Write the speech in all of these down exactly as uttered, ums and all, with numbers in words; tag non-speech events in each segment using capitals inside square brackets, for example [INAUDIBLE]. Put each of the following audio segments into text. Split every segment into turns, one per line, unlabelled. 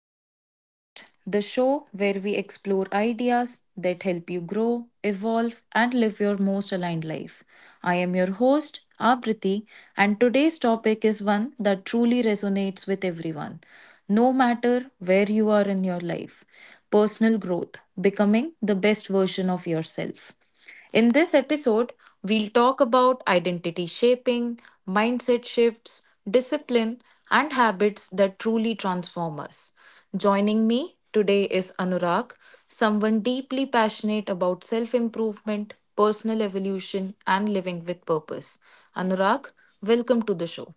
to our podcast, the show where we explore ideas that help you grow, evolve, and live your most aligned life. I am your host, Abriti, and today's topic is one that truly resonates with everyone, no matter where you are in your life. Personal growth, becoming the best version of yourself. In this episode, we'll talk about identity shaping, mindset shifts, discipline, and habits that truly transform us. Joining me today is Anurag, someone deeply passionate about self improvement, personal evolution, and living with purpose. Anurag, welcome to the show.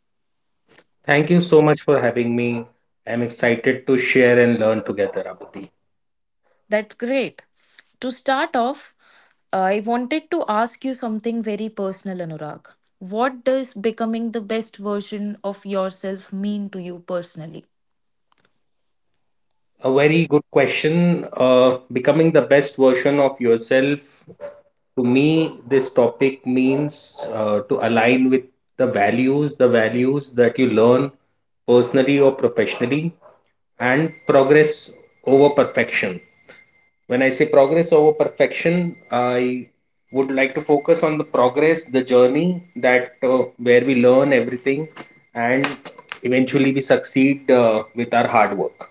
Thank you so much for having me. I'm excited to share and learn together, Abdi.
That's great. To start off, I wanted to ask you something very personal, Anurag. What does becoming the best version of yourself mean to you personally?
A very good question. Uh, becoming the best version of yourself. To me, this topic means uh, to align with the values, the values that you learn personally or professionally, and progress over perfection. When I say progress over perfection, I would like to focus on the progress, the journey that uh, where we learn everything and eventually we succeed uh, with our hard work.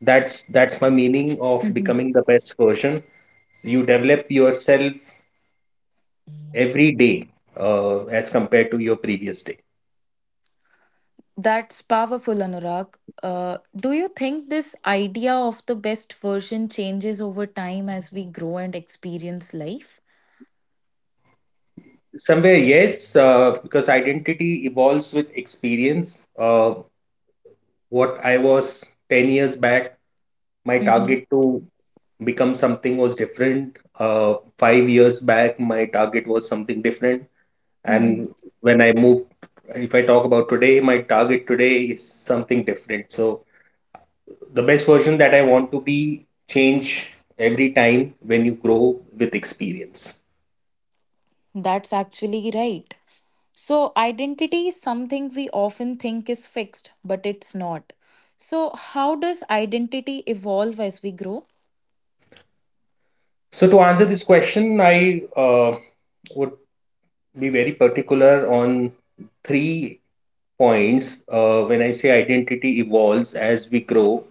That's that's my meaning of
Mhm.
becoming the best version. You develop yourself every day uh, as compared to your previous day.
That's powerful, Anurag. Uh, do you think this idea of the best version changes over time as we grow and experience life?
Somewhere yes, uh, because identity evolves with experience. Uh, what I was ten years back, my
Hmm.
target to become something was different. Uh, five years back, my target was something different.
Hmm.
And when I moved, if I talk about today, my target today is something different. So the best version that I want to be change every time when you grow with experience.
That's actually right. So, identity is something we often think is fixed, but it's not. So, how does identity evolve as we grow?
So to answer this question, I uh, would be very particular on three points uh, when I say identity evolves as we grow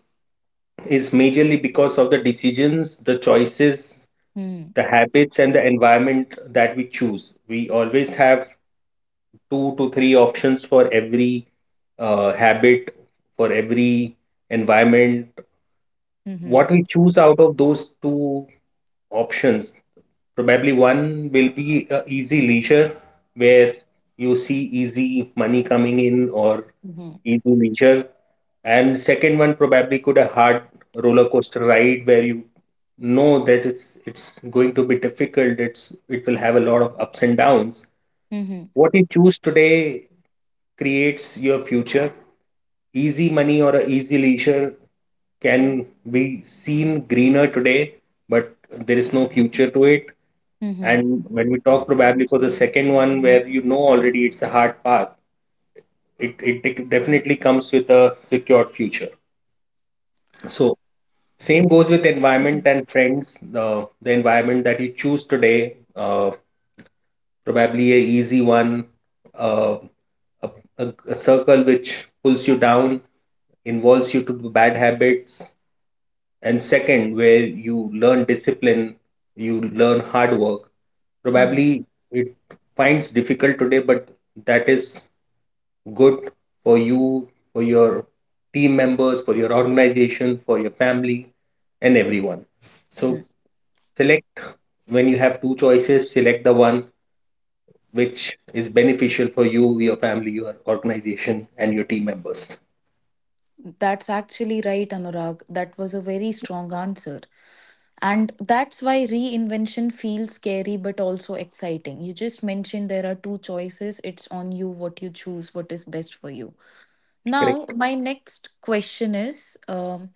is majorly because of the decisions, the choices,
Hmm.
the habits, and the environment that we choose. We always have two to three options for every uh, habit, for every environment.
Hmm.
What we choose out of those two options, probably one will be uh, easy leisure, where you see easy money coming in or
Hmm.
into leisure, and second one probably could a hard roller coaster ride where you know that it's it's going to be difficult, it's it will have a lot of ups and downs.
Hmm.
What you choose today creates your future. Easy money or a easy leisure can be seen greener today, but there is no future to it.
Hmm.
And when we talk probably for the second one, where you know already it's a hard path, it, it dec- definitely comes with a secured future. So same goes with environment
Mhm.
and friends. The the environment that you choose today, uh, probably a easy one, uh, a, a, a circle which pulls you down, involves you to bad habits, and second, where you learn discipline, you learn hard work.
Hmm.
Probably it finds difficult today, but that is good for you, for your team members, for your organization, for your family, and everyone. So
Hmm.
select, when you have two choices, select the one which is beneficial for you, your family, your organization, and your team members.
That's actually right, Anurag. That was a very strong answer. And that's why reinvention feels scary but also exciting. You just mentioned there are two choices. It's on you what you choose, what is best for you. Now,
Correct.
my next question is, um,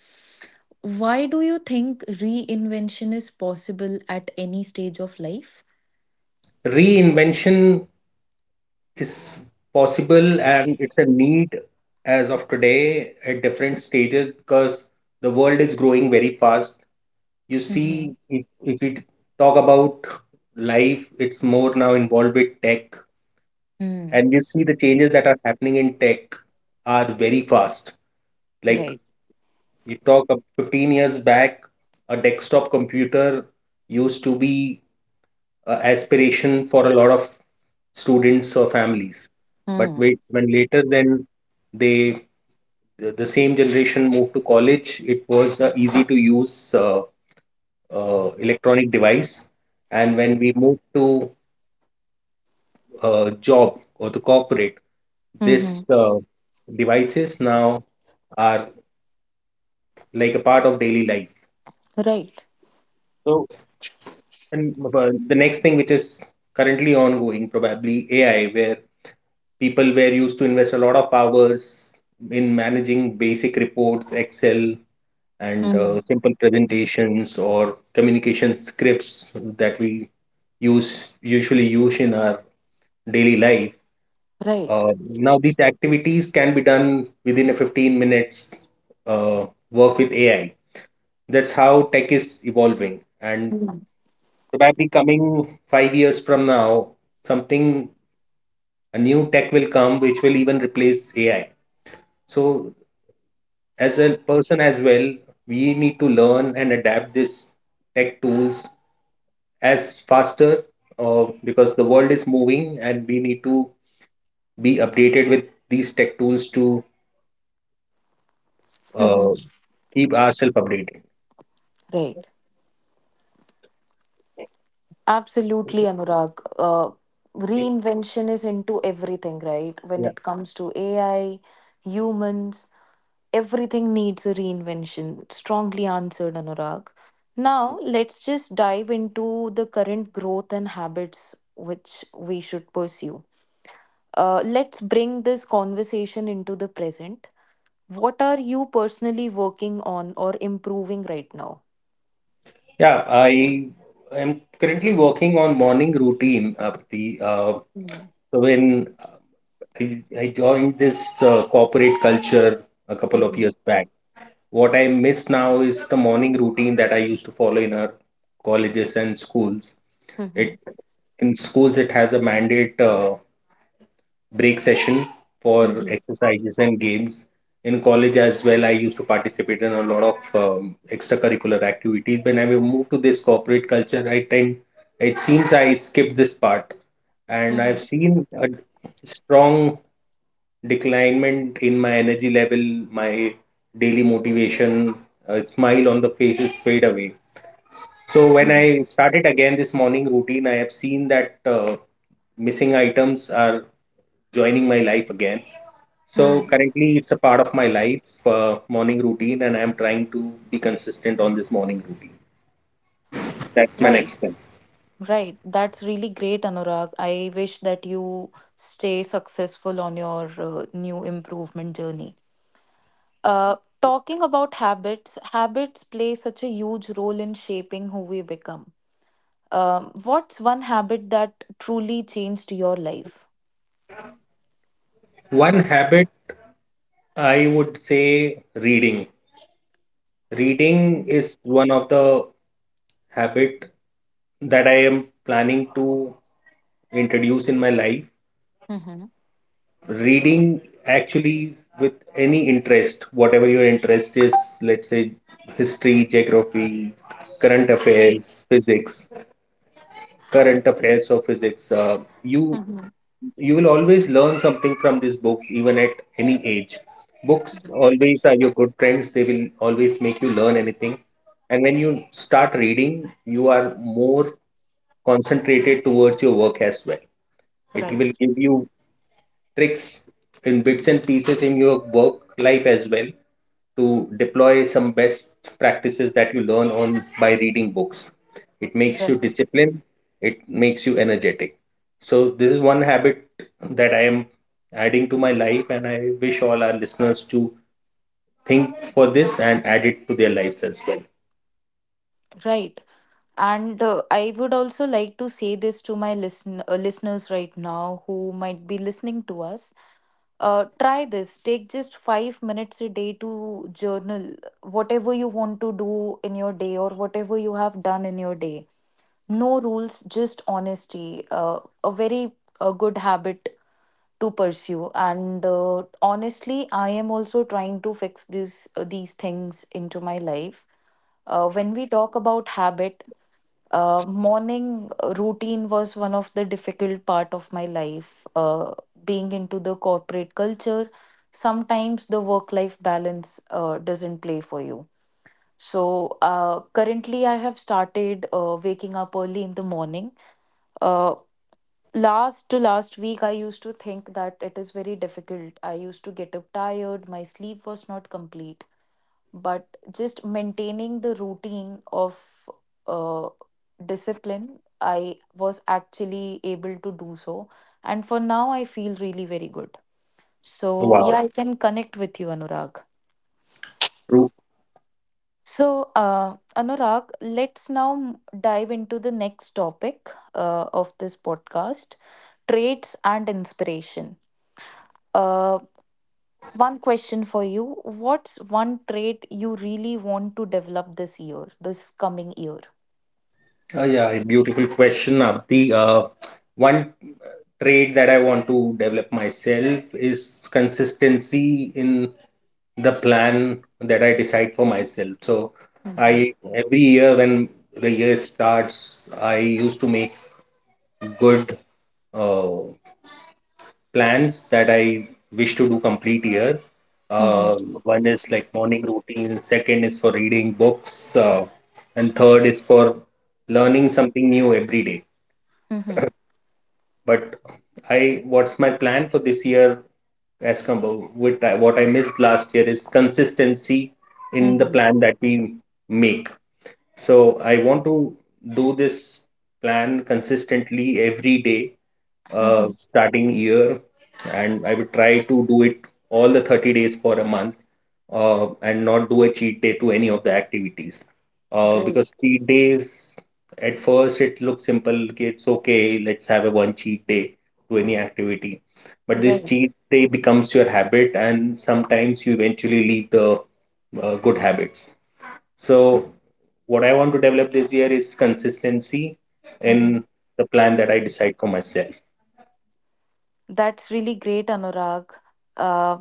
why do you think reinvention is possible at any stage of life?
Reinvention is possible and it's a need as of today at different stages because the world is growing very fast. You
Mm-hmm.
see, if, if we talk about life, it's more now involved with tech,
Mm.
and you see the changes that are happening in tech are very fast. Like,
Right.
you talk up fifteen years back, a desktop computer used to be an aspiration for a lot of students or families. But
Mm.
wait, when later then they the the same generation moved to college, it was a easy to use uh, uh, electronic device. And when we moved to uh, job or to corporate,
Mm-hmm.
this uh, devices now are like a part of daily life.
Right.
So and uh, the next thing which is currently ongoing, probably A I, where people were used to invest a lot of hours in managing basic reports, Excel, and uh,
Mm.
simple presentations or communication scripts that we use usually use in our daily life.
Right.
Uh, now these activities can be done within a fifteen minutes uh, work with A I. That's how tech is evolving, and
Mm.
probably coming five years from now, something a new tech will come which will even replace A I. So as a person as well, we need to learn and adapt this tech tools as faster uh, because the world is moving and we need to be updated with these tech tools to uh,
Mm-hmm.
keep ourselves updated.
Right. Absolutely, Anurag. Uh, reinvention is into everything, right? When
Yeah.
it comes to A I, humans, everything needs a reinvention. Strongly answered, Anurag. Now, let's just dive into the current growth and habits which we should pursue. Uh, let's bring this conversation into the present. What are you personally working on or improving right now?
Yeah, I am currently working on morning routine, Apti. Uh,
Mhm.
so when I, I joined this uh, corporate culture a couple of
Mhm.
years back, what I miss now is the morning routine that I used to follow in our colleges and schools. It,
Mhm.
in schools it has a mandate. Uh, break session for
Mhm.
exercises and games. In college as well, I used to participate in a lot of um, extracurricular activities. When I moved to this corporate culture, I tend it seems I skipped this part, and I've
Mhm.
seen a strong declinement in my energy level, my daily motivation, uh, smile on the faces fade away. So when
Mhm.
I started again this morning routine, I have seen that uh, missing items are joining my life again. So
Mhm.
currently, it's a part of my life, uh, morning routine, and I'm trying to be consistent on this morning routine. That's my
Right,
next step.
right. That's really great, Anurag. I wish that you stay successful on your uh, new improvement journey. Uh, talking about habits, habits play such a huge role in shaping who we become. Um, what's one habit that truly changed your life?
One habit I would say reading. Reading is one of the habit that I am planning to introduce in my life. Reading actually with any interest, whatever your interest is, let's say history, geography, current affairs, physics. Current affairs or physics. Uh, you
Mhm.
you will always learn something from these books, even at any age. Books
Right,
always are your good friends. They will always make you learn anything. And when you start reading, you are more concentrated towards your work as well. It
right,
will give you tricks and bits and pieces in your work life as well to deploy some best practices that you learn on by reading books. It makes you
right.
disciplined, it makes you energetic. So this is one habit that I am adding to my life and I wish all our listeners to think for this and add it to their lives as well.
Right. And uh, I would also like to say this to my listen uh, listeners right now who might be listening to us. Uh, try this. Take just five minutes a day to journal whatever you want to do in your day or whatever you have done in your day. No rules, just honesty. Uh, a very uh, good habit to pursue, and uh, honestly, i am also trying to fix this uh, these things into my life. uh, when we talk about habit, uh, morning routine was one of the difficult part of my life, uh, being into the corporate culture, sometimes the work life balance uh, doesn't play for you. So uh, currently i have started uh, waking up early in the morning. uh, last to last week i used to think that it is very difficult, i used to get up tired, my sleep was not complete. But just maintaining the routine of uh, discipline, i was actually able to do so, and for now i feel really very good. So yeah,
Wow.
i can connect with you, anurag
True.
So uh, Anurag, let's now m- dive into the next topic uh, of this podcast, traits and inspiration. Uh, One question for you. What's one trait you really want to develop this year, this coming year?
Uh, yeah, a beautiful question, Apti. Uh, one trait that I want to develop myself is consistency in the plan that I decide for myself. So
Mm-hmm.
I every year when the year starts, I used to make good uh, plans that I wish to do complete year.
Mm-hmm.
Uh, one is like morning routine, second is for reading books, uh, and third is for learning something new every day.
Mm-hmm.
But I what's my plan for this year, as compared with I- what I missed last year is consistency in the
Mm-hmm.
plan that we make. So I want to do this plan consistently every day, uh,
Mm-hmm.
starting year, and I would try to do it all the thirty days for a month, uh, and not do a cheat day to any of the activities. Uh,
Great.
because cheat days, at first it looks simple, okay, it's okay, let's have a one cheat day to any activity. But this
Great.
cheat day becomes your habit, and sometimes you eventually leave the uh, good habits. So, what I want to develop this year is consistency
Mm-hmm.
in the plan that I decide for myself.
That's really great, Anurag. Uh,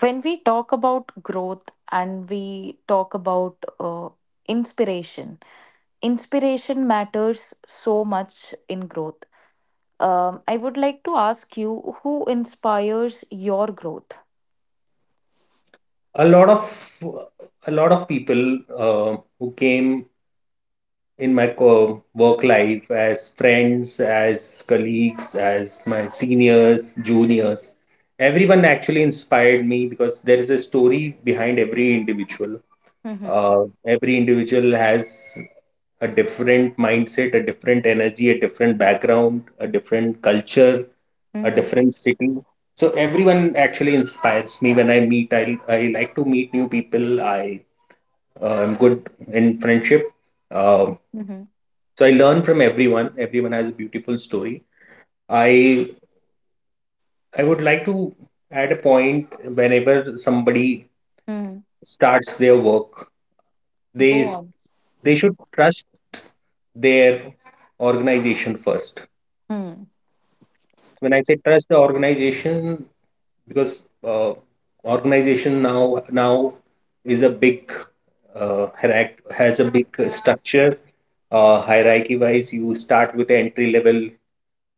when we talk about growth and we talk about uh, inspiration, inspiration matters so much in growth. Um, I would like to ask you, who inspires your growth?
A lot of a lot of people uh, who came in my co- work life as friends, as colleagues, as my seniors, juniors, everyone actually inspired me because there is a story behind every individual.
Mm-hmm.
Uh, every individual has a different mindset, a different energy, a different background, a different culture, a
Mm-hmm.
different city. So everyone actually inspires me when I meet. I I like to meet new people. I uh, am good in friendship. Um,
Mm-hmm.
so I learn from everyone. Everyone has a beautiful story. I I would like to add a point, whenever somebody starts their work,
Go
they
on.
they should trust their organization first.
Hmm.
When I say trust the organization, because uh, organization now now is a big uh, hierarch- has a big structure uh, hierarchy wise. You start with entry level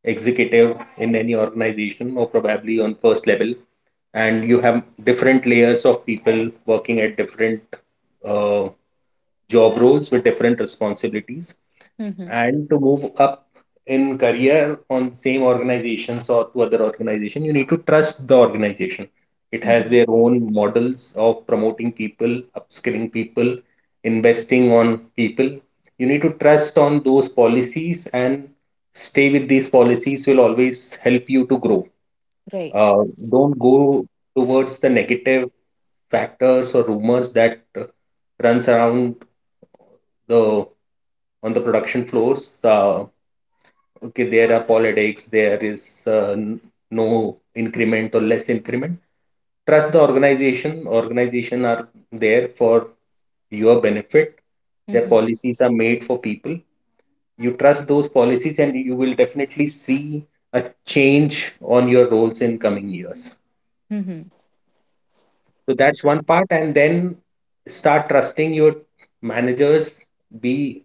executive in any organization, or probably on first level, and you have different layers of people working at different uh, job roles with different responsibilities,
Mm-hmm.
and to move up in career on same organizations or to other organization, you need to trust the organization. It has
Mm-hmm.
their own models of promoting people, upskilling people, investing on people. You need to trust on those policies, and stay with these policies will always help you to grow.
Right.
uh, don't go towards the negative factors or rumors that uh, runs around the on the production floors. Uh, okay, there are politics, there is uh, n- no increment or less increment. Trust the organization. Organization are there for your benefit, their
Mm-hmm.
policies are made for people. You trust those policies and you will definitely see a change on your roles in coming years.
Mm-hmm.
So that's one part, and then start trusting your managers, be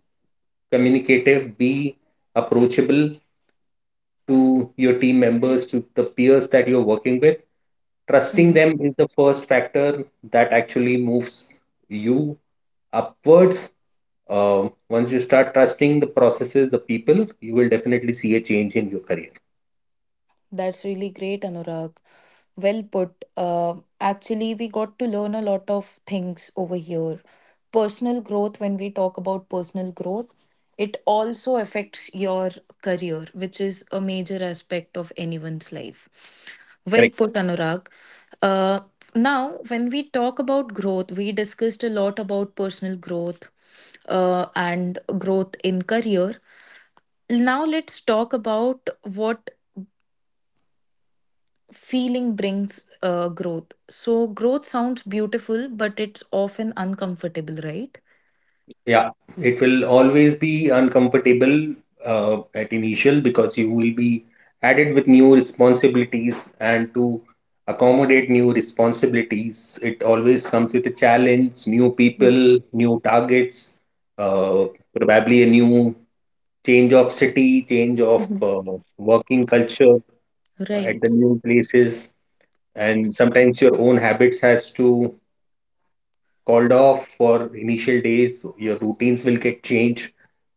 communicative, be approachable to your team members, to the peers that you're working with. Trusting
Mm-hmm.
them is the first factor that actually moves you upwards. Uh, once you start trusting the processes, the people, you will definitely see a change in your career.
That's really great, Anurag. Well put. Uh, actually, we got to learn a lot of things over here. Personal growth, when we talk about personal growth, it also affects your career, which is a major aspect of anyone's life. Well
Correct.
put, Anurag. Uh, now, when we talk about growth, we discussed a lot about personal growth uh, and growth in career. Now, let's talk about what feeling brings uh, growth. So growth sounds beautiful, but it's often uncomfortable, right?
Yeah, it will always be uncomfortable uh, at initial, because you will be added with new responsibilities, and to accommodate new responsibilities, it always comes with a challenge, new
Mhm.
people, new targets, uh, probably a new change of city, change of
Mhm.
uh, working culture at
Right,
the new places, and sometimes your own habits has to called off for initial days. so your routines will get changed.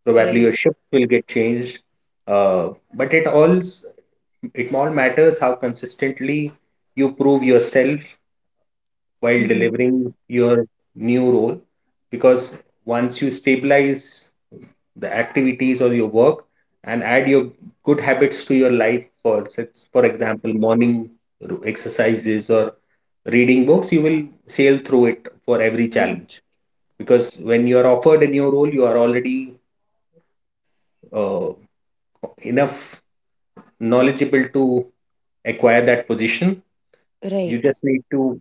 Probably
right.
your shifts will get changed. Uh, but it all s- it all matters how consistently you prove yourself while
Mhm.
delivering your new role, because once you stabilize the activities or your work and add your good habits to your life, for such- for example morning exercises or reading books, you will sail through it for every
Mhm.
challenge, because when you are offered a new role you are already uh, enough knowledgeable to acquire that position. You
Right.
just need to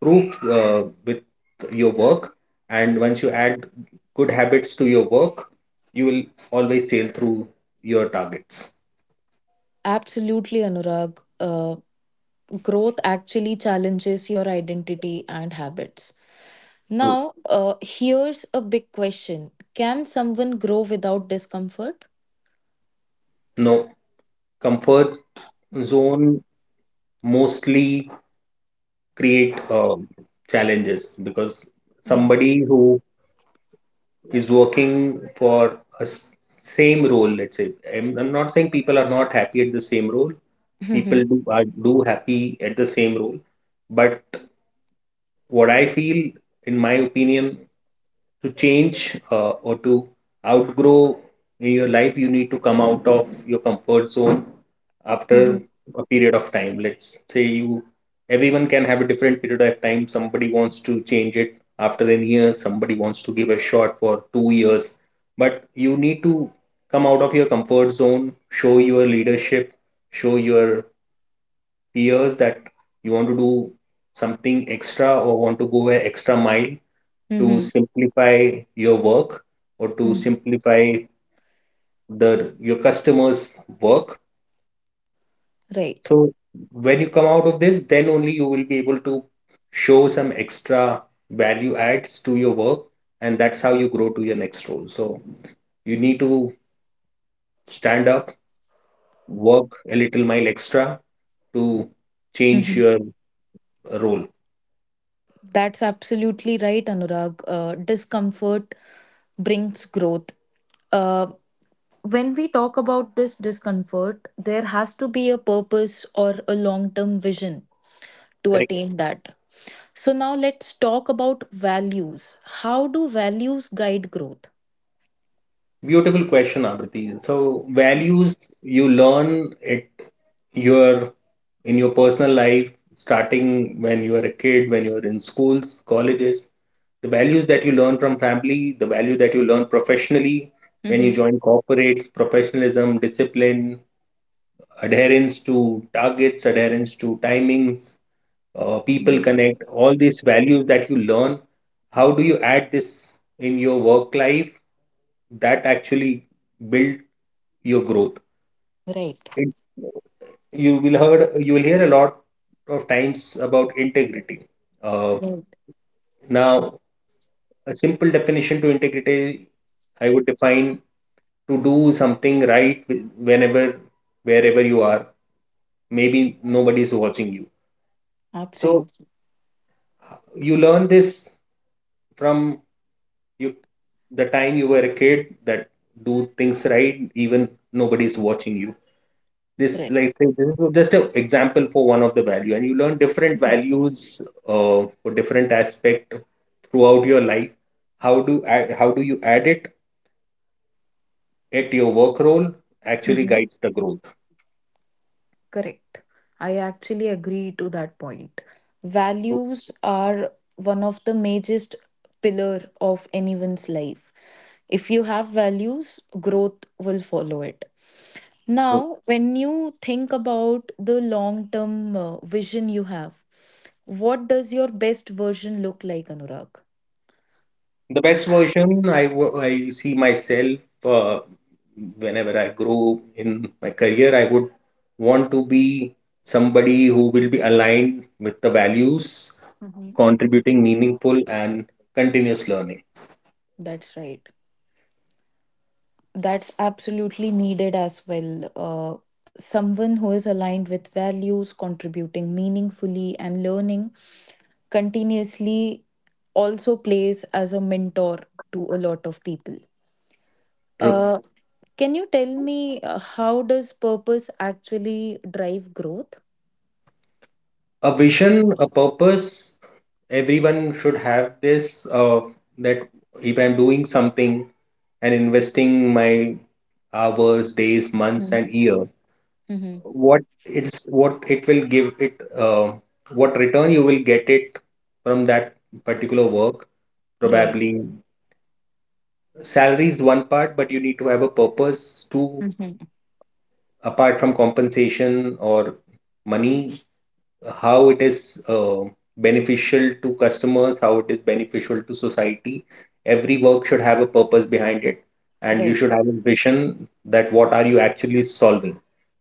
prove uh, with your work, and once you add good habits to your work, you will always sail through your targets.
Absolutely, Anurag. Uh, growth actually challenges your identity and habits.
True.
Now, uh, here's a big question: can someone grow without discomfort?
No comfort zone mostly create uh, challenges, because
Yeah.
somebody who is working for a s- same role, let's say, I'm, I'm not saying people are not happy at the same role. People
Hmm.
do are do happy at the same role, but what I feel, in my opinion, to change uh, or to outgrow in your life, you need to come out of your comfort zone after
Mhm.
a period of time. Let's say, you, everyone can have a different period of time. Somebody wants to change it after an year, somebody wants to give a shot for two years. But you need to come out of your comfort zone, show your leadership, show your peers that you want to do something extra or want to go an extra mile to
Hmm.
simplify your work or to
Mhm.
simplify the your customers' work.
Right.
So when you come out of this, then only you will be able to show some extra value adds to your work, and that's how you grow to your next role. So you need to stand up, work a little mile extra to change
Mhm.
your role.
That's absolutely right, Anurag. Uh, discomfort brings growth. Uh, when we talk about this discomfort, there has to be a purpose or a long term vision to
Correct.
attain that. So, now let's talk about values. How do values guide growth?
Beautiful question, Abriti. So values you learn at your in your personal life, starting when you are a kid, when you are in schools, colleges, the values that you learn from family, the value that you learn professionally when you
Mm-hmm.
join corporates, professionalism, discipline, adherence to targets, adherence to timings, uh, people
Hmm.
connect, all these values that you learn, how do you add this in your work life that actually build your growth?
Right.
It, you will heard you will hear a lot of times about integrity. Uh,
Right.
now, a simple definition to integrity, I would define to do something right, wh- whenever, wherever you are. Maybe nobody is watching you. So
Absolutely.
you learn this from you the time you were a kid, that do things right even nobody's watching you. this like
Correct.
thing- this is just an example for one of the value, and you learn different values uh, for different aspect throughout your life. How do add, how do you add it at your work role actually
Hmm.
guides the growth.
Correct. I actually agree to that point.
True,
Values are one of the major pillar of anyone's life. If you have values, growth will follow it.
true.
Now, when you think about the long term uh, vision you have, what does your best version look like, Anurag?
The best version I, wo- I see myself, uh, whenever I grow in my career, I would want to be somebody who will be aligned with the values,
Mhm.
contributing meaningful and continuous learning.
That's right. That's absolutely needed as well. Uh, someone who is aligned with values, contributing meaningfully, and learning continuously also plays as a mentor to a lot of people.
True.
Uh, Can you tell me uh, how does purpose actually drive growth?
A vision, a purpose, everyone should have this, uh, that if I'm doing something and investing my hours, days, months,
Mm-hmm.
and years, what it's what it will give it, uh, what return you will get it from that particular work.
Right.
Probably salary is one part, but you need to have a purpose to,
Mm-hmm.
apart from compensation or money, how it is uh, beneficial to customers, how it is beneficial to society. Every work should have a purpose behind it, and you
Right.
should have a vision that what are you actually solving.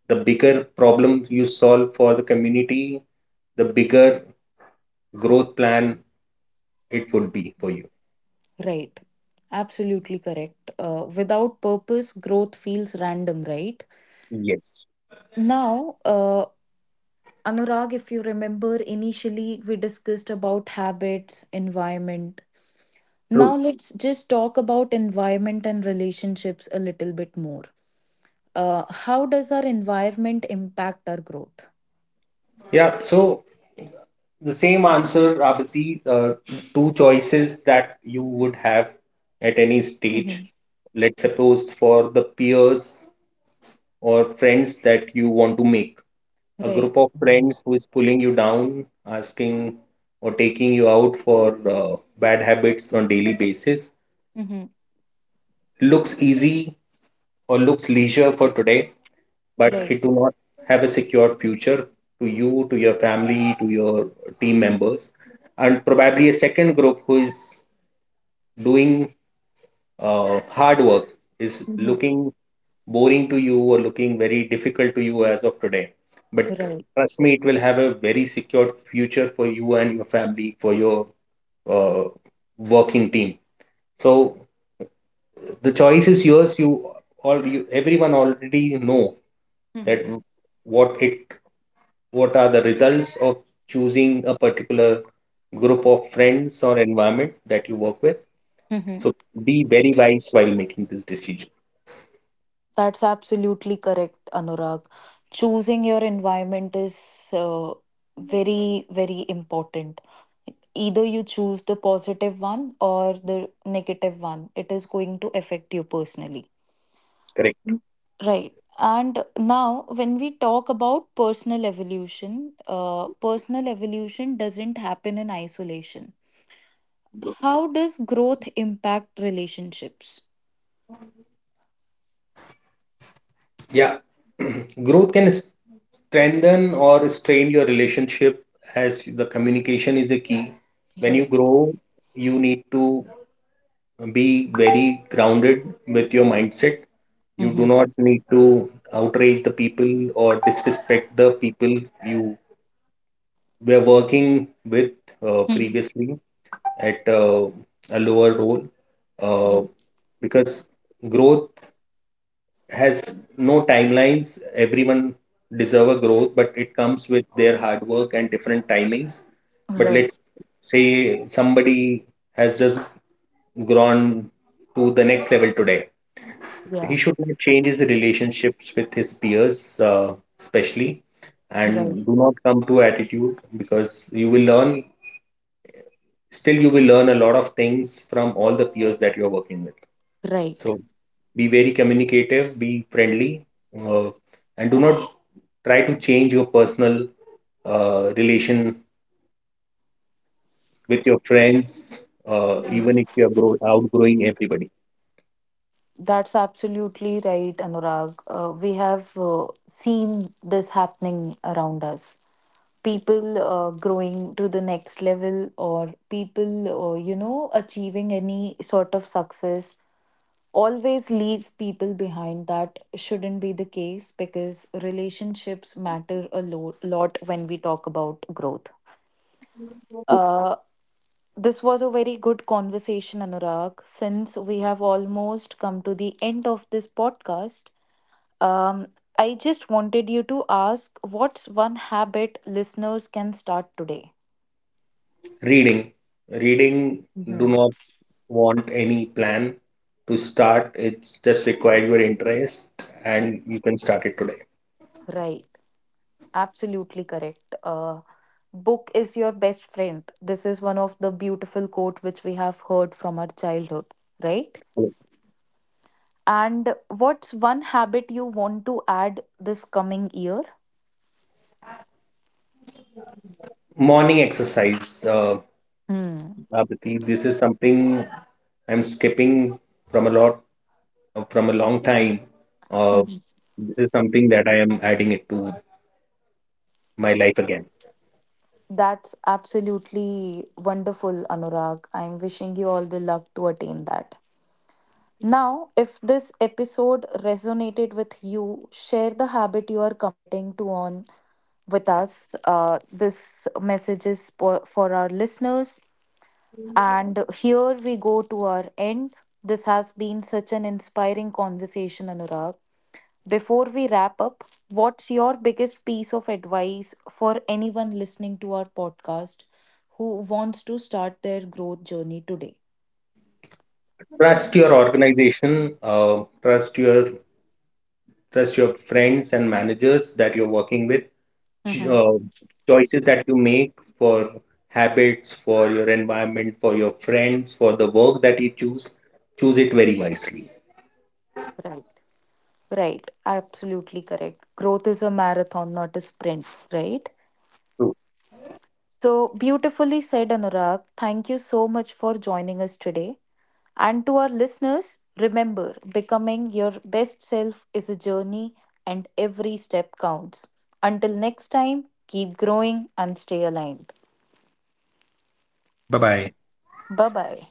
The bigger problem you solve for the community, the bigger growth plan it would be for you.
Right. Absolutely correct. Uh, without purpose, growth feels random, right?
Yes,
Now, uh, Anurag, if you remember, initially we discussed about habits, environment.
true.
Now, let's just talk about environment and relationships a little bit more. Uh, how does our environment impact our growth?
Yeah, so the same answer, Abhiti, uh, two choices that you would have at any stage.
Mhm.
Let's suppose for the peers or friends that you want to make. A
Right.
group of friends who is pulling you down, asking or taking you out for uh, bad habits on daily basis looks easy or looks leisure for today, but
Right.
it will not have a secured future to you, to your family, to your team members. And probably a second group who is doing uh, hard work is
Mhm.
looking boring to you or looking very difficult to you as of today. But
Right.
trust me, it will have a very secured future for you and your family, for your uh, working team. So the choice is yours. You all, you, everyone already know
Hmm.
that what it what are the results of choosing a particular group of friends or environment that you work with.
Mhm.
So be very wise while making this decision.
That's absolutely correct, Anurag. Choosing your environment is uh, very, very important. Either you choose the positive one or the negative one, it is going to affect you personally.
Correct.
Mm. Right. And now, when we talk about personal evolution, uh, personal evolution doesn't happen in isolation. How does growth impact relationships?
Yeah. [CLEARS THROAT] Growth can s- strengthen or strain your relationship, as the communication is a key. When you
Right.
grow, you need to be very grounded with your mindset. You do not need to outrage the people or disrespect the people you we are working with uh,
[LAUGHS]
previously at uh, a lower role,
Mhm.
uh,
Right.
because growth has no timelines. Everyone deserve a growth, but it comes with their hard work and different timings. But
Right.
let's say somebody has just grown to the next level today. He
Yeah.
should not change his relationships with his peers, uh, especially,
Right.
and do not come to attitude, because you will learn still you will learn a lot of things from all the peers that you're working with.
Right.
So be very communicative, be friendly, uh, and do not try to change your personal uh, relation with your friends, uh, even if you are grow- outgrowing everybody.
That's absolutely right, Anurag. Uh, we have uh, seen this happening around us. People uh, growing to the next level, or people, uh, you know, achieving any sort of success, always leave people behind. That shouldn't be the case because relationships matter a lo- lot when we talk about growth. Uh, This was a very good conversation, Anurag. Since we have almost come to the end of this podcast, um, I just wanted you to ask, what's one habit listeners can start today?
Reading, reading. Do
Hmm.
not want any plan to start. It's just require your interest, and you can start it today.
Right. Absolutely correct. Uh, book is your best friend. This is one of the beautiful quote which we have heard from our childhood, right? And what's one habit you want to add this coming year?
Morning exercise, uh,
Hmm.
Abhiti, this is something I'm skipping from a lot from a long time. Uh,
[LAUGHS]
this is something that I am adding it to my life again.
That's absolutely wonderful, Anurag. I'm wishing you all the luck to attain that. Now, if this episode resonated with you, share the habit you are committing to on with us. Uh, this message is for, for our listeners. And here we go to our end. This has been such an inspiring conversation, Anurag. Before we wrap up, what's your biggest piece of advice for anyone listening to our podcast who wants to start their growth journey today?
Trust your organization. Uh, trust your trust your friends and managers that you're working with. Ch-
Mm-hmm.
Uh, choices that you make for habits, for your environment, for your friends, for the work that you choose. Choose it very wisely.
Right. Right, absolutely correct. Growth is a marathon, not a sprint, right? So beautifully said, Anurag. Thank you so much for joining us today. And to our listeners, remember becoming your best self is a journey and every step counts. Until next time, keep growing and stay aligned.
Bye bye.
Bye bye.